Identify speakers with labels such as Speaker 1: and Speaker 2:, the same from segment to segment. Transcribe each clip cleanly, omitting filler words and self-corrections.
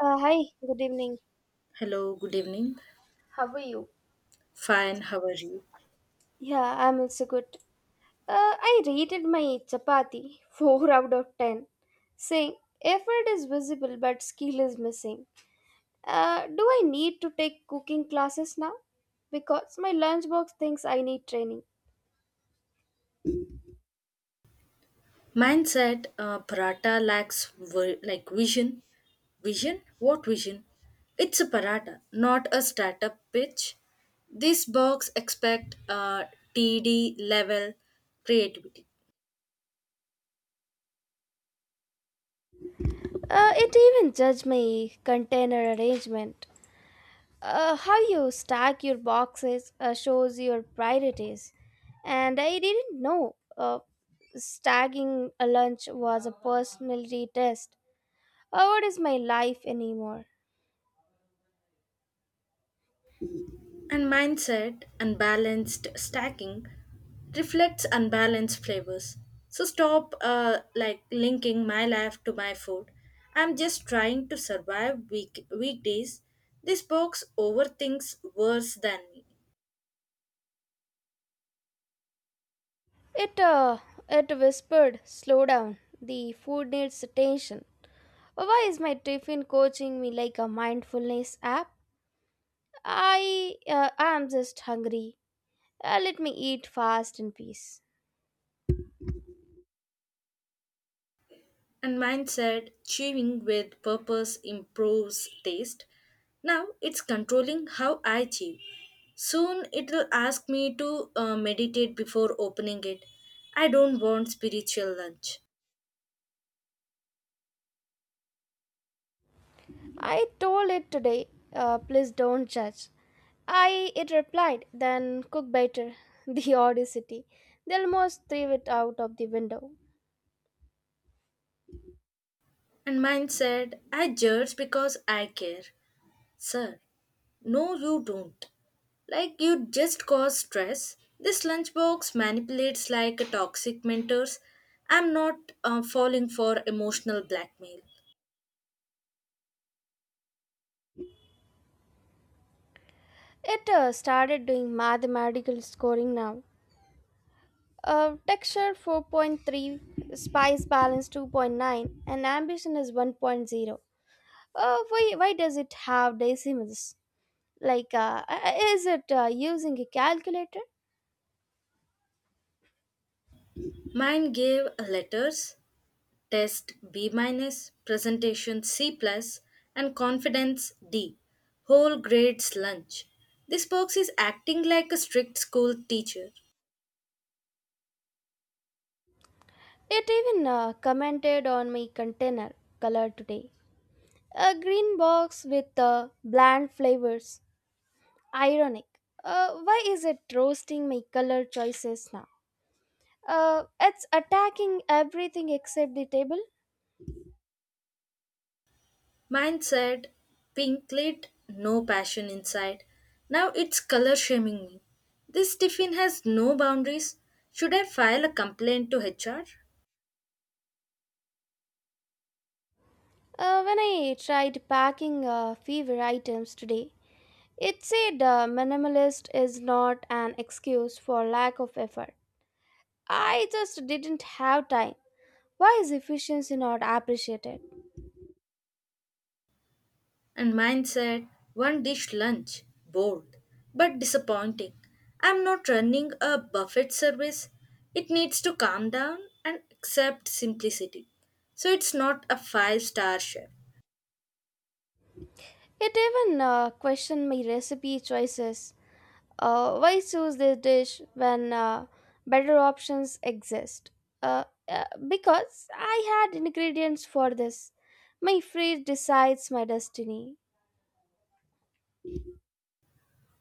Speaker 1: Hi, good evening.
Speaker 2: Hello, good evening.
Speaker 1: How are you?
Speaker 2: Fine, how are you?
Speaker 1: Yeah, I'm also good. I rated my chapati 4 out of 10, saying effort is visible but skill is missing. Do I need to take cooking classes now? Because my lunchbox thinks I need training.
Speaker 2: Mindset, paratha lacks like vision. Vision? What vision? It's a paratha, not a startup pitch. This box expect TD level creativity.
Speaker 1: It even judged my container arrangement. How you stack your boxes shows your priorities. And I didn't know stacking a lunch was a personality test. What is my life anymore?
Speaker 2: And mindset, unbalanced stacking reflects unbalanced flavors. So stop like linking my life to my food. I'm just trying to survive weekdays. This box overthinks worse than me.
Speaker 1: It uh, it whispered, "Slow down. The food needs attention." Why is my tiffin coaching me like a mindfulness app? I am just hungry. Let me eat fast in peace.
Speaker 2: And mindset, chewing with purpose improves taste. Now it's controlling how I chew. Soon it will ask me to meditate before opening it. I don't want spiritual lunch.
Speaker 1: I told it today. Please don't judge. It replied, then cook better, the audacity. They almost threw it out of the window.
Speaker 2: And mine said, I judge because I care. Sir, no, you don't. Like you just cause stress. This lunchbox manipulates like a toxic mentors. I'm not falling for emotional blackmail.
Speaker 1: It started doing mathematical scoring now. Texture 4.3, spice balance 2.9, and ambition is 1.0. Why does it have decimals? Is it using a calculator?
Speaker 2: Mine gave letters, test B minus, presentation C plus, and confidence D. Whole grades lunch. This box is acting like a strict school teacher.
Speaker 1: It even commented on my container color today. A green box with bland flavors. Ironic. Why is it roasting my color choices now? It's attacking everything except the table.
Speaker 2: Mine said, pink lit, no passion inside. Now it's color shaming me. This tiffin has no boundaries. Should I file a complaint to HR?
Speaker 1: When I tried packing fever items today, it said minimalist is not an excuse for lack of effort. I just didn't have time. Why is efficiency not appreciated?
Speaker 2: And mine said, one dish lunch, bold, but disappointing. I'm not running a buffet service. It needs to calm down and accept simplicity. So it's not a five-star chef.
Speaker 1: It even questioned my recipe choices. Why choose this dish when better options exist? Because I had ingredients for this. My fridge decides my destiny.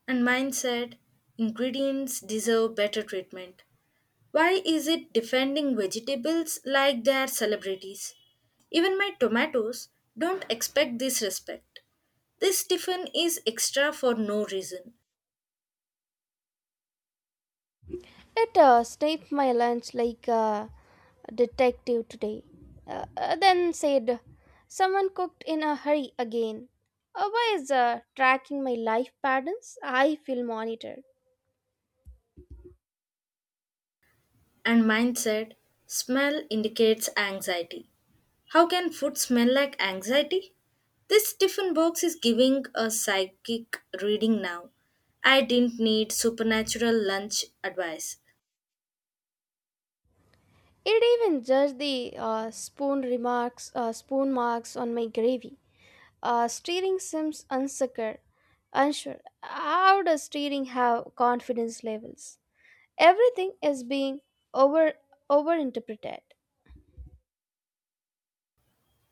Speaker 2: And mine said, ingredients deserve better treatment. Why is it defending vegetables like they are celebrities? Even my tomatoes don't expect this respect. This tiffin is extra for no reason.
Speaker 1: It sniped my lunch like a detective today. Then said, someone cooked in a hurry again. Why is tracking my life patterns? I feel monitored.
Speaker 2: And mine said, smell indicates anxiety. How can food smell like anxiety? This tiffin box is giving a psychic reading now. I didn't need supernatural lunch advice.
Speaker 1: It even judged the spoon marks on my gravy. Uh, steering seems unsecure, unsure. How does steering have confidence levels? Everything is being over overinterpreted.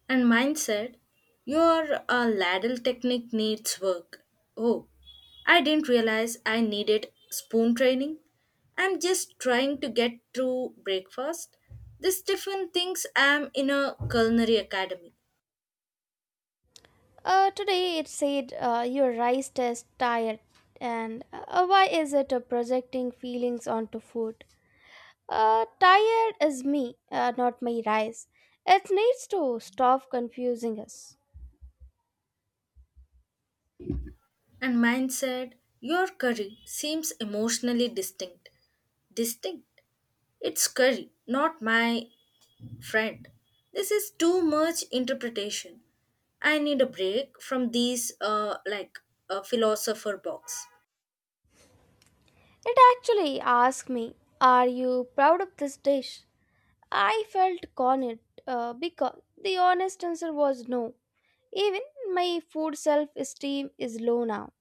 Speaker 2: And mine said, your ladle technique needs work. Oh, I didn't realize I needed spoon training. I'm just trying to get through breakfast. This Stephen thinks I'm in a culinary academy.
Speaker 1: Today it said your rice tastes tired, and why is it projecting feelings onto food? Tired is me, not my rice. It needs to stop confusing us.
Speaker 2: And mine said, your curry seems emotionally distinct. Distinct? It's curry, not my friend. This is too much interpretation. I need a break from these like a philosopher box.
Speaker 1: It actually asked me, are you proud of this dish? I felt cornered because the honest answer was no. Even my food self esteem is low now.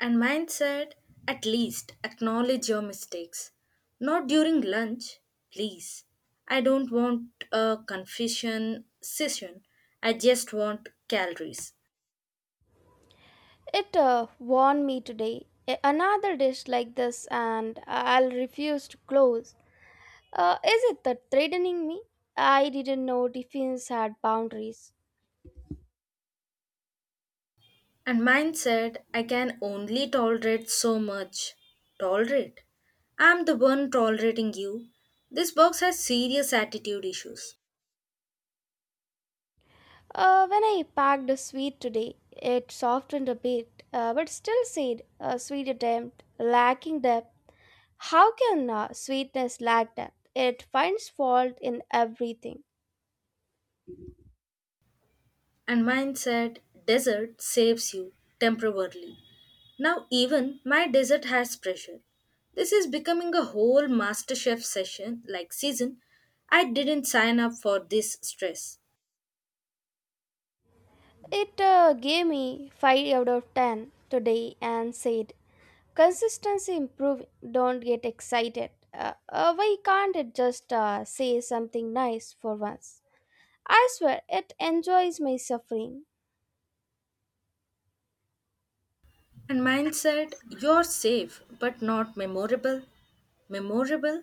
Speaker 2: And mine said, at least acknowledge your mistakes. Not during lunch, please. I don't want a confession session. I just want calories.
Speaker 1: It warned me today. Another dish like this, and I'll refuse to close. Is it that threatening me? I didn't know defense had boundaries.
Speaker 2: And mine said, I can only tolerate so much. Tolerate? I'm the one tolerating you. This box has serious attitude issues.
Speaker 1: When I packed a sweet today, it softened a bit, but still said a sweet attempt, lacking depth. How can sweetness lack depth? It finds fault in everything.
Speaker 2: And mine said, desert saves you temporarily. Now, even my desert has pressure. This is becoming a whole MasterChef session like season. I didn't sign up for this stress.
Speaker 1: It gave me 5 out of 10 today and said, consistency improving, don't get excited. Why can't it just say something nice for once? I swear, it enjoys my suffering.
Speaker 2: And mine said, you're safe, but not memorable. Memorable?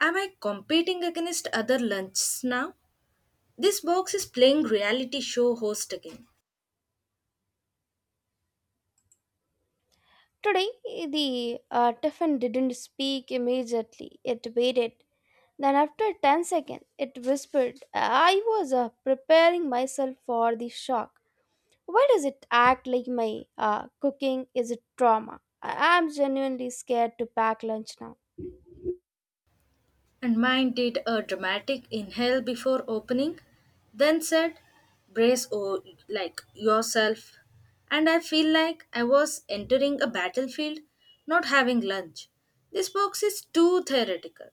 Speaker 2: Am I competing against other lunches now? This box is playing reality show host again.
Speaker 1: Today, the tiffin didn't speak immediately. It waited. Then, after 10 seconds, it whispered, I was preparing myself for the shock. Why does it act like my cooking is a trauma? Am genuinely scared to pack lunch now.
Speaker 2: And mine did a dramatic inhale before opening, then said, brace o like yourself. And I feel like I was entering a battlefield, not having lunch. This box is too theoretical.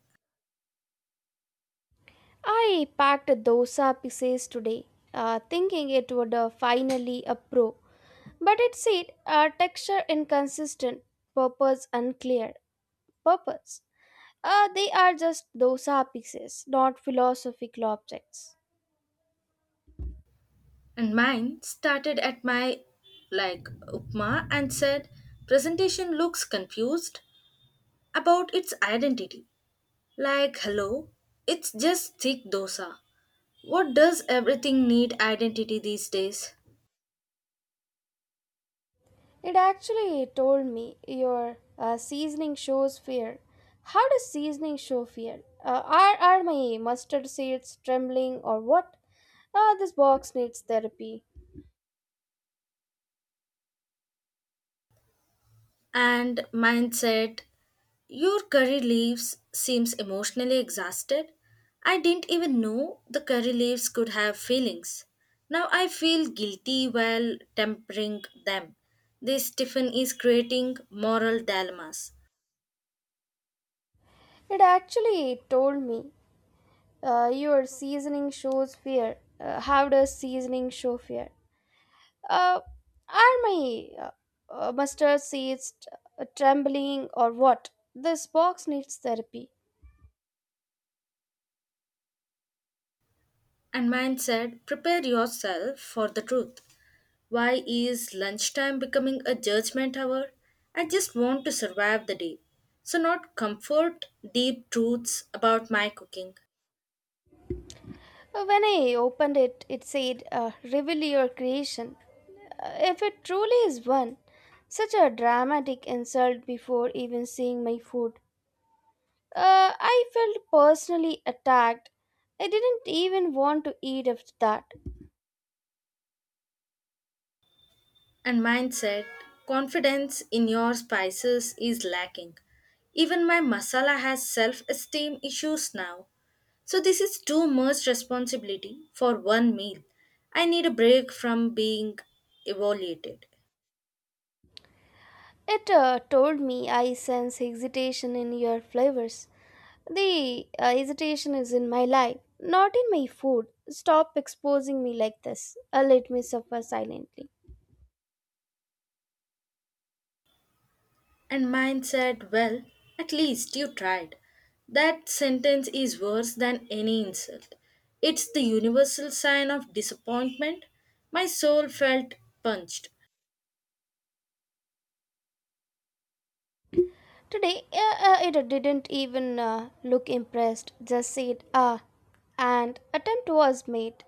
Speaker 1: I packed a dosa pieces today, thinking it would finally a pro, but it said texture inconsistent, purpose unclear. Purpose. They are just dosa pieces, not philosophical objects.
Speaker 2: And mine started at my upma and said, presentation looks confused about its identity. Like, hello, it's just thick dosa. What does everything need identity these days?
Speaker 1: It actually told me your seasoning shows fear. How does seasoning show fear? Are my mustard seeds trembling or what? Ah, this box needs therapy.
Speaker 2: And mindset. Your curry leaves seems emotionally exhausted. I didn't even know the curry leaves could have feelings. Now I feel guilty while tempering them. This Stephen is creating moral dilemmas.
Speaker 1: It actually told me your seasoning shows fear. How does seasoning show fear? Uh, are my mustard seeds trembling or what? This box needs therapy.
Speaker 2: And mindset, prepare yourself for the truth. Why is lunchtime becoming a judgment hour? I just want to survive the day. So, not comfort, deep truths about my cooking.
Speaker 1: When I opened it, it said, reveal your creation. If it truly is one, such a dramatic insult before even seeing my food. I felt personally attacked. I didn't even want to eat after that.
Speaker 2: And mindset, confidence in your spices is lacking. Even my masala has self esteem issues now. So, this is too much responsibility for one meal. I need a break from being evaluated.
Speaker 1: It told me I sense hesitation in your flavors. The hesitation is in my life, not in my food. Stop exposing me like this. Let me suffer silently.
Speaker 2: And mine said, well, at least you tried. That sentence is worse than any insult. It's the universal sign of disappointment. My soul felt punched.
Speaker 1: Today, it didn't even look impressed, just said, ah, and attempt was made.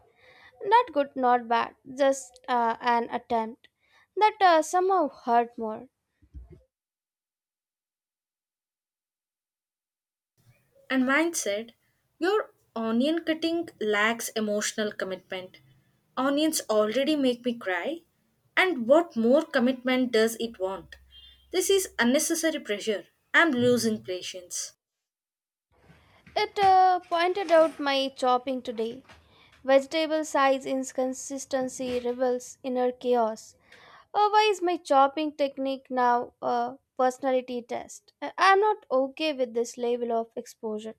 Speaker 1: Not good, not bad, just an attempt. That somehow hurt more.
Speaker 2: And mine said, your onion cutting lacks emotional commitment. Onions already make me cry. And what more commitment does it want? This is unnecessary pressure. I'm losing patience.
Speaker 1: It pointed out my chopping today. Vegetable size inconsistency reveals inner chaos. Why is my chopping technique now a personality test? I'm not okay with this level of exposure.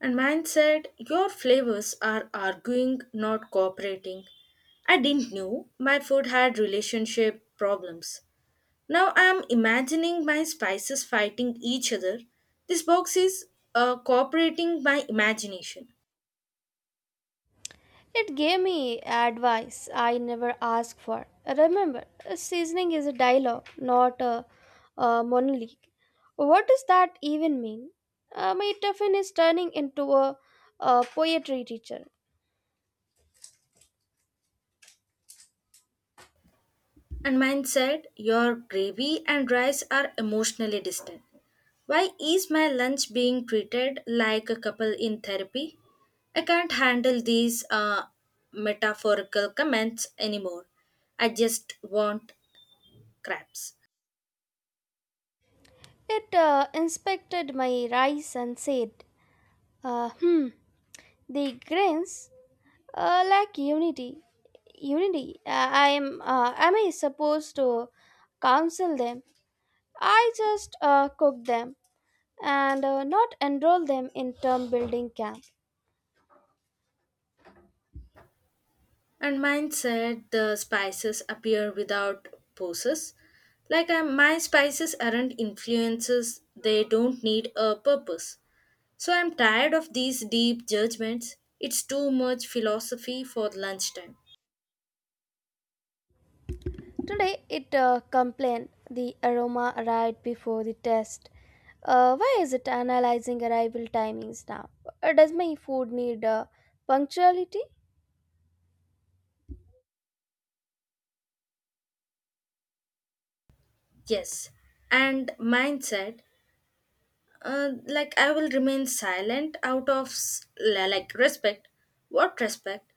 Speaker 2: And mine said, your flavors are arguing, not cooperating. I didn't know my food had relationship problems. Now I'm imagining my spices fighting each other. This box is cooperating my imagination.
Speaker 1: It gave me advice I never asked for. Remember, a seasoning is a dialogue, not a, a monologue. What does that even mean? My Tuffin is turning into a poetry teacher.
Speaker 2: And mine said, your gravy and rice are emotionally distant. Why is my lunch being treated like a couple in therapy? I can't handle these metaphorical comments anymore. I just want crabs.
Speaker 1: It inspected my rice and said, hmm, the grains lack unity. Unity. I am. Am I supposed to counsel them? I just cook them, and not enroll them in term building camp.
Speaker 2: And mine said, the spices appear without poses. Like my spices aren't influences, they don't need a purpose. So I'm tired of these deep judgments. It's too much philosophy for lunchtime.
Speaker 1: Today it complained the aroma arrived before the test. Why is it analyzing arrival timings now? Does my food need punctuality?
Speaker 2: Yes. And mindset. Like I will remain silent out of like respect. What respect?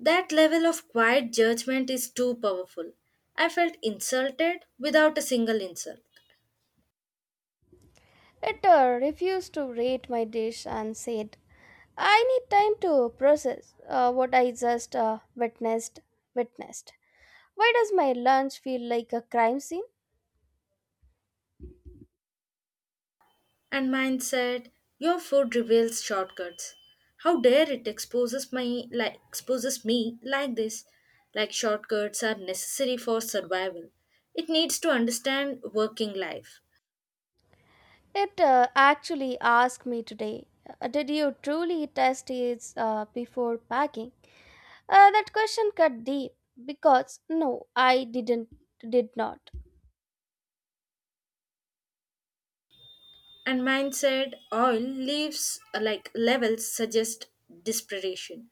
Speaker 2: That level of quiet judgment is too powerful. I felt insulted without a single insult.
Speaker 1: It refused to rate my dish and said, I need time to process what I just witnessed. Witnessed. Why does my lunch feel like a crime scene?
Speaker 2: And mine said, your food reveals shortcuts. How dare it exposes my like exposes me like this? Like shortcuts are necessary for survival. It needs to understand working life.
Speaker 1: It actually asked me today, did you truly test it before packing? That question cut deep because no, I didn't, did not.
Speaker 2: And mine said, oil leaves like levels suggest desperation.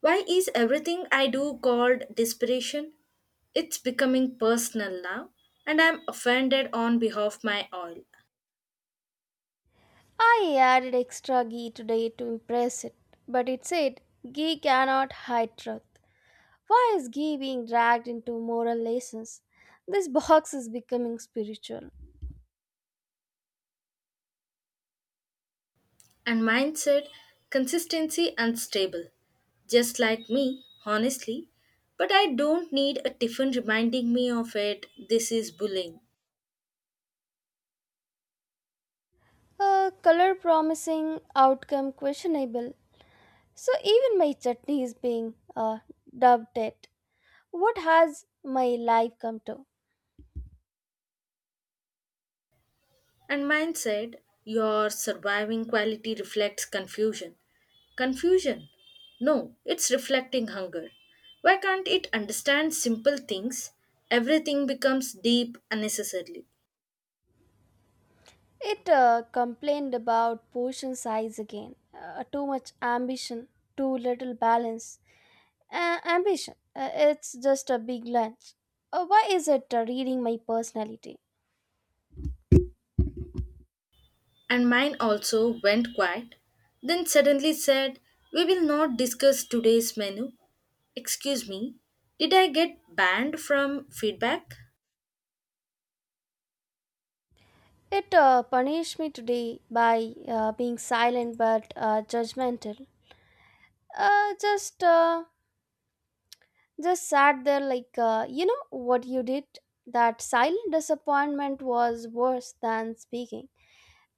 Speaker 2: Why is everything I do called desperation? It's becoming personal now, and I'm offended on behalf my oil.
Speaker 1: I added extra ghee today to impress it, but it said ghee cannot hide truth. Why is ghee being dragged into moral lessons? This box is becoming spiritual.
Speaker 2: And mindset, consistency and stable just like me honestly, but I don't need a tiffin reminding me of it. This is bullying.
Speaker 1: Color promising, outcome questionable. So even my chutney is being dubbed it. What has my life come to?
Speaker 2: And mindset, your surviving quality reflects confusion. Confusion? No, it's reflecting hunger. Why can't it understand simple things? Everything becomes deep unnecessarily.
Speaker 1: It complained about portion size again. Too much ambition, too little balance. Ambition, it's just a big lunch. Why is it reading my personality?
Speaker 2: And mine also went quiet, then suddenly said, we will not discuss today's menu. Excuse me, did I get banned from feedback?
Speaker 1: It punished me today by being silent but judgmental. Uh, just, uh, just sat there like, you know what you did? That silent disappointment was worse than speaking.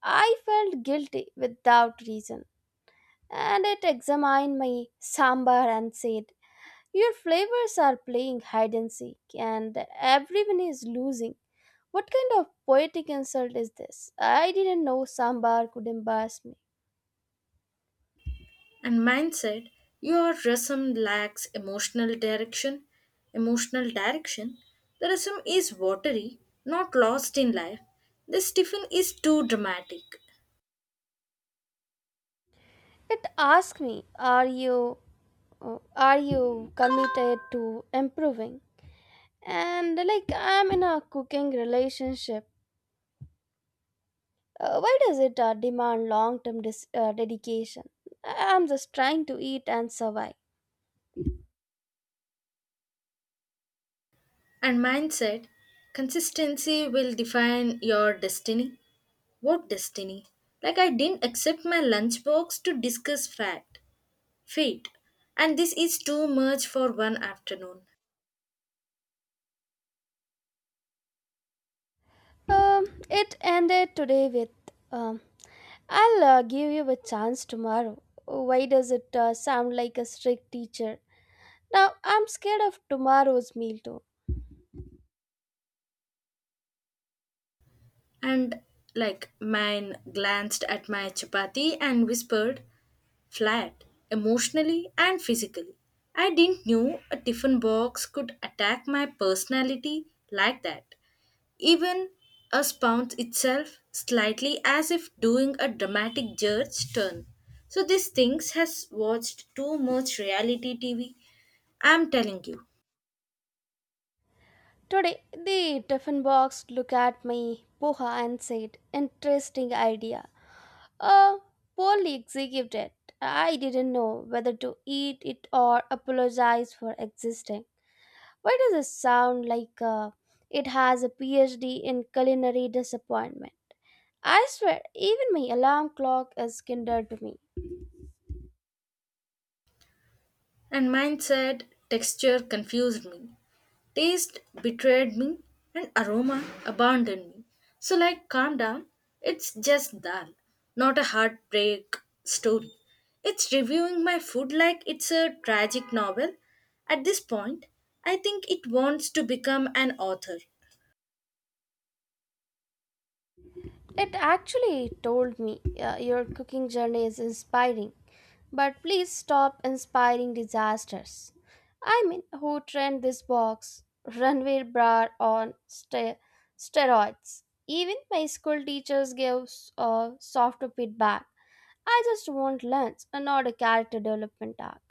Speaker 1: I felt guilty without reason, and it examined my sambar and said, your flavors are playing hide and seek, and everyone is losing. What kind of poetic insult is this? I didn't know sambar could embarrass me.
Speaker 2: And mine said, your resume lacks emotional direction. Emotional direction? The resume is watery, not lost in life. This tiffin is too dramatic.
Speaker 1: It asked me, are you committed to improving? And like I'm in a cooking relationship. Why does it demand long term dedication? I'm just trying to eat and survive.
Speaker 2: And mine said, consistency will define your destiny. What destiny? Like I didn't accept my lunchbox to discuss fate. And this is too much for one afternoon.
Speaker 1: It ended today with um, I'll give you a chance tomorrow. Why does it sound like a strict teacher? Now I'm scared of tomorrow's meal too.
Speaker 2: And like mine glanced at my chapati and whispered, flat, emotionally and physically. I didn't know a tiffin box could attack my personality like that. Even a spout itself slightly as if doing a dramatic judge turn. So these things has watched too much reality TV. I'm telling you.
Speaker 1: Today, the tiffin box looked at me, poha, and said, interesting idea. Uh, Poorly executed. I didn't know whether to eat it or apologize for existing. Why does it sound like it has a PhD in culinary disappointment? I swear, even my alarm clock is kinder to me.
Speaker 2: And mine said, texture confused me. Taste betrayed me and aroma abandoned me. So, like, calm down, it's just dal, not a heartbreak story. It's reviewing my food like it's a tragic novel. At this point, I think it wants to become an author.
Speaker 1: It actually told me your cooking journey is inspiring, but please stop inspiring disasters. I mean, who trend this box? Ranveer Brar on steroids. Even my school teachers gave softer feedback. I just want lunch and not a character development arc.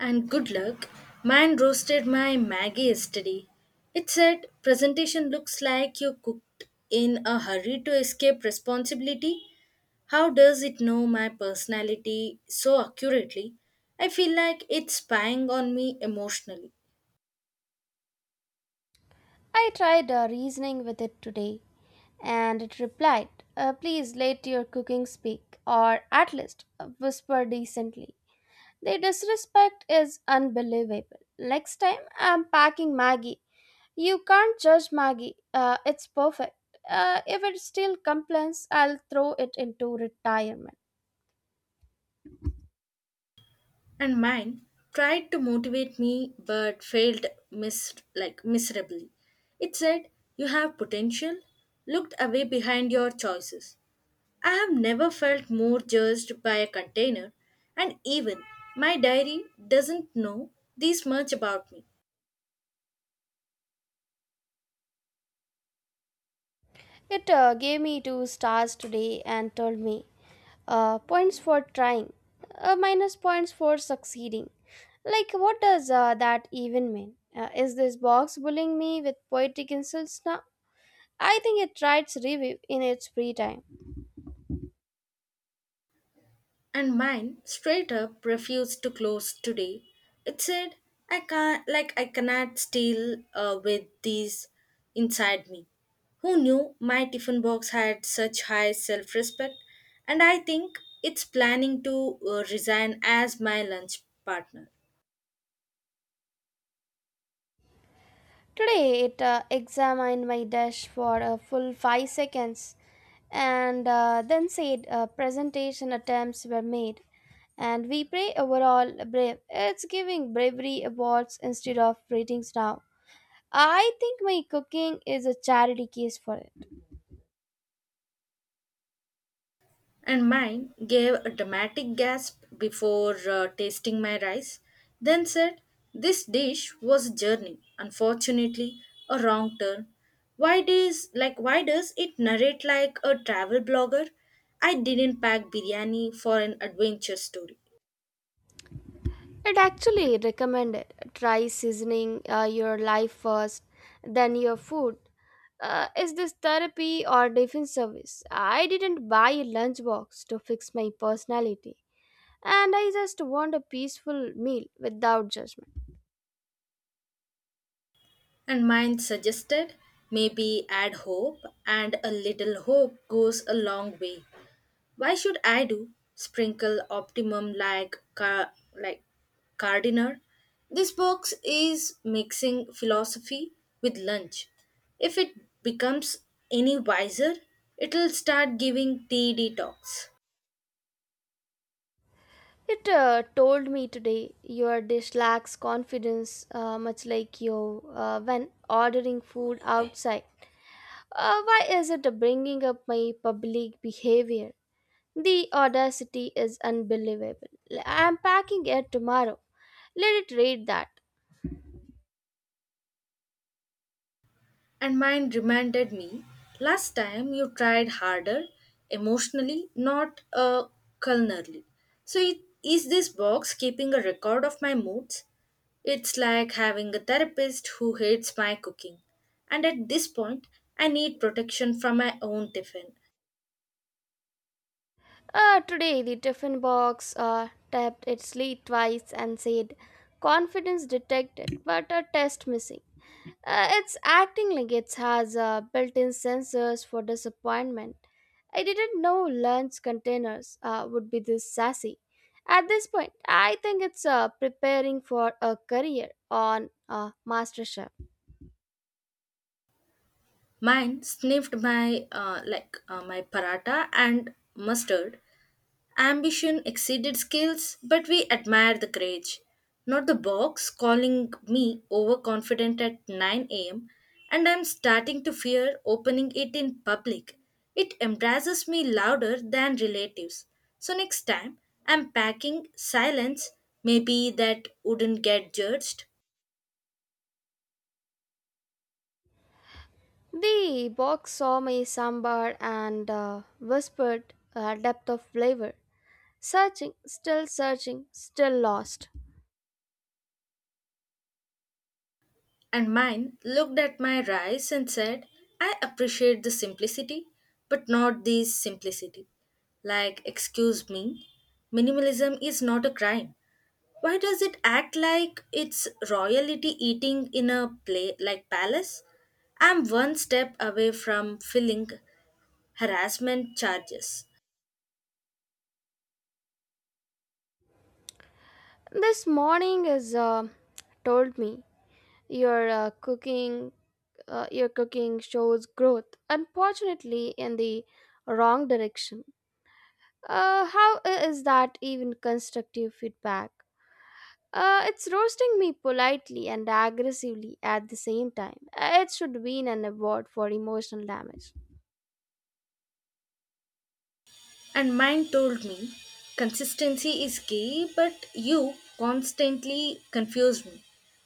Speaker 2: And good luck. Mine roasted my Maggie yesterday. It said, presentation looks like you cooked in a hurry to escape responsibility. How does it know my personality so accurately? I feel like it's spying on me emotionally.
Speaker 1: I tried reasoning with it today, and it replied, please let your cooking speak, or at least whisper decently. The disrespect is unbelievable. Next time I'm packing Maggie. You can't judge Maggie, it's perfect. If it still complains, I'll throw it into retirement.
Speaker 2: And mine tried to motivate me but failed like miserably. It said, you have potential. Looked away behind your choices. I have never felt more judged by a container, and even my diary doesn't know this much about me.
Speaker 1: It gave me two stars today and told me, points for trying, minus points for succeeding. Like, what does that even mean? Is this box bullying me with poetic insults now? I think it writes review in its free time.
Speaker 2: And mine straight up refused to close today. It said, I can't, like, I cannot steal with these inside me. Who knew my tiffin box had such high self respect? And I think it's planning to resign as my lunch partner.
Speaker 1: Today, it examined my dash for a full 5 seconds and then said presentation attempts were made and we pray overall brave. It's giving bravery awards instead of ratings now. I think my cooking is a charity case for it.
Speaker 2: And mine gave a dramatic gasp before tasting my rice, then said, this dish was a journey, unfortunately, a wrong turn. Why does it narrate like a travel blogger? I didn't pack biryani for an adventure story.
Speaker 1: It actually recommended try seasoning your life first, then your food. Is this therapy or defense service? I didn't buy a lunchbox to fix my personality, and I just want a peaceful meal without judgment.
Speaker 2: And mine suggested maybe add hope, and a little hope goes a long way. Why should I do? Sprinkle optimum like car like gardener? This box is mixing philosophy with lunch. If it becomes any wiser, it'll start giving TED talks.
Speaker 1: It told me today your dish lacks confidence, much like you when ordering food outside. Why is it bringing up my public behavior? The audacity is unbelievable. I am packing it tomorrow. Let it read that.
Speaker 2: And mine reminded me, last time you tried harder emotionally, not culinarily. So, it, is this box keeping a record of my moods? It's like having a therapist who hates my cooking. And at this point, I need protection from my own tiffin.
Speaker 1: Today, the Tiffin box tapped its lid twice and said, confidence detected, but a test missing. It's acting like it has built in sensors for disappointment. I didn't know lunch containers would be this sassy. At this point, I think it's preparing for a career on MasterChef.
Speaker 2: Mine sniffed my my paratha and mustard, ambition exceeded skills, but we admire the courage. Not the box calling me overconfident at 9 a.m., and I'm starting to fear opening it in public. It embarrasses me louder than relatives. So next time, I'm packing silence. Maybe that wouldn't get judged.
Speaker 1: The box saw my sambar and whispered a depth of flavor. Searching, still lost.
Speaker 2: And mine looked at my rice and said, I appreciate the simplicity, but not this simplicity. Like, excuse me, minimalism is not a crime. Why does it act like it's royalty eating in a play like palace? I'm one step away from filling harassment charges.
Speaker 1: This morning is told me your your cooking shows growth. Unfortunately, in the wrong direction. How is that even constructive feedback? It's roasting me politely and aggressively at the same time. It should win an award for emotional damage.
Speaker 2: And mine told me, consistency is key, but you constantly confused me.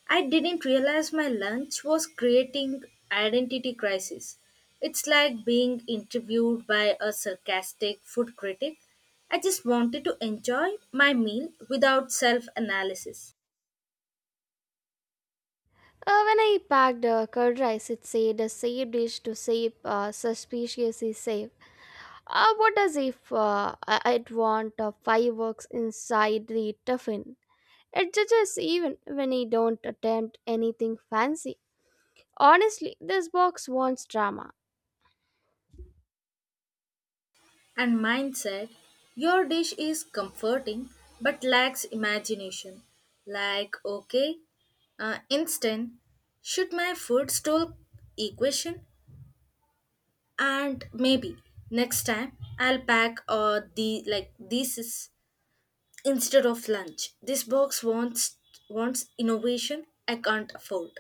Speaker 2: I didn't realize my lunch was creating identity crisis. It's like being interviewed by a sarcastic food critic. I just wanted to enjoy my meal without self analysis.
Speaker 1: When I packed curd rice, it said a safe dish to save suspiciously safe. What does if I'd want fireworks inside the tuffin? It judges even when I don't attempt anything fancy. Honestly, this box wants drama.
Speaker 2: And mine said, your dish is comforting but lacks imagination. Like, okay, instant, should my food stall equation? And maybe next time I'll pack the like this is instead of lunch. This box wants innovation I can't afford.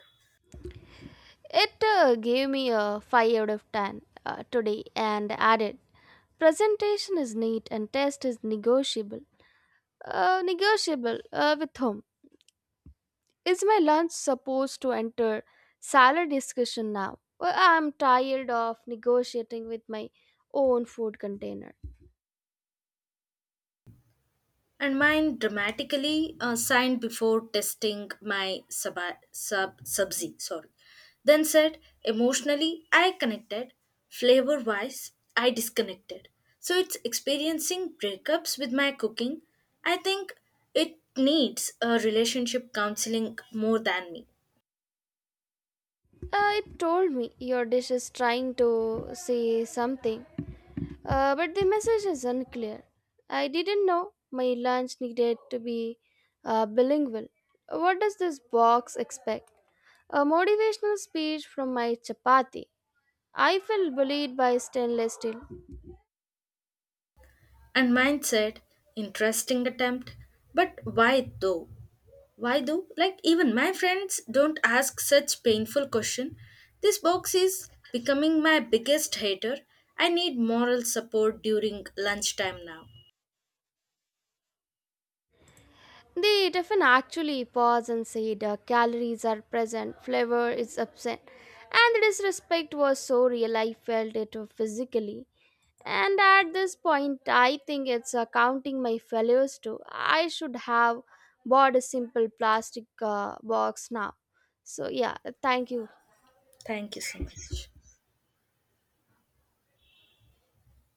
Speaker 1: It gave me a 5 out of 10 today and added, presentation is neat and test is negotiable. Negotiable with whom? Is my lunch supposed to enter salad discussion now? Well, I'm tired of negotiating with my own food container.
Speaker 2: And mine dramatically signed before testing my sub sub subzi, sorry, then said, emotionally I connected, flavor wise I disconnected. So it's experiencing breakups with my cooking. I think it needs a relationship counseling more than me.
Speaker 1: It told me your dish is trying to say something, but the message is unclear. I didn't know my lunch needed to be bilingual. What does this box expect? A motivational speech from my chapati. I felt bullied by stainless steel.
Speaker 2: And mine said, interesting attempt, but why though? Why though? Like even my friends don't ask such painful question. This box is becoming my biggest hater. I need moral support during lunchtime now.
Speaker 1: The Tiffin actually paused and said, the calories are present, flavor is absent, and the disrespect was so real I felt it physically. And at this point, I think it's accounting my failures too. I should have bought a simple plastic box now. So, yeah, thank you.
Speaker 2: Thank you so much.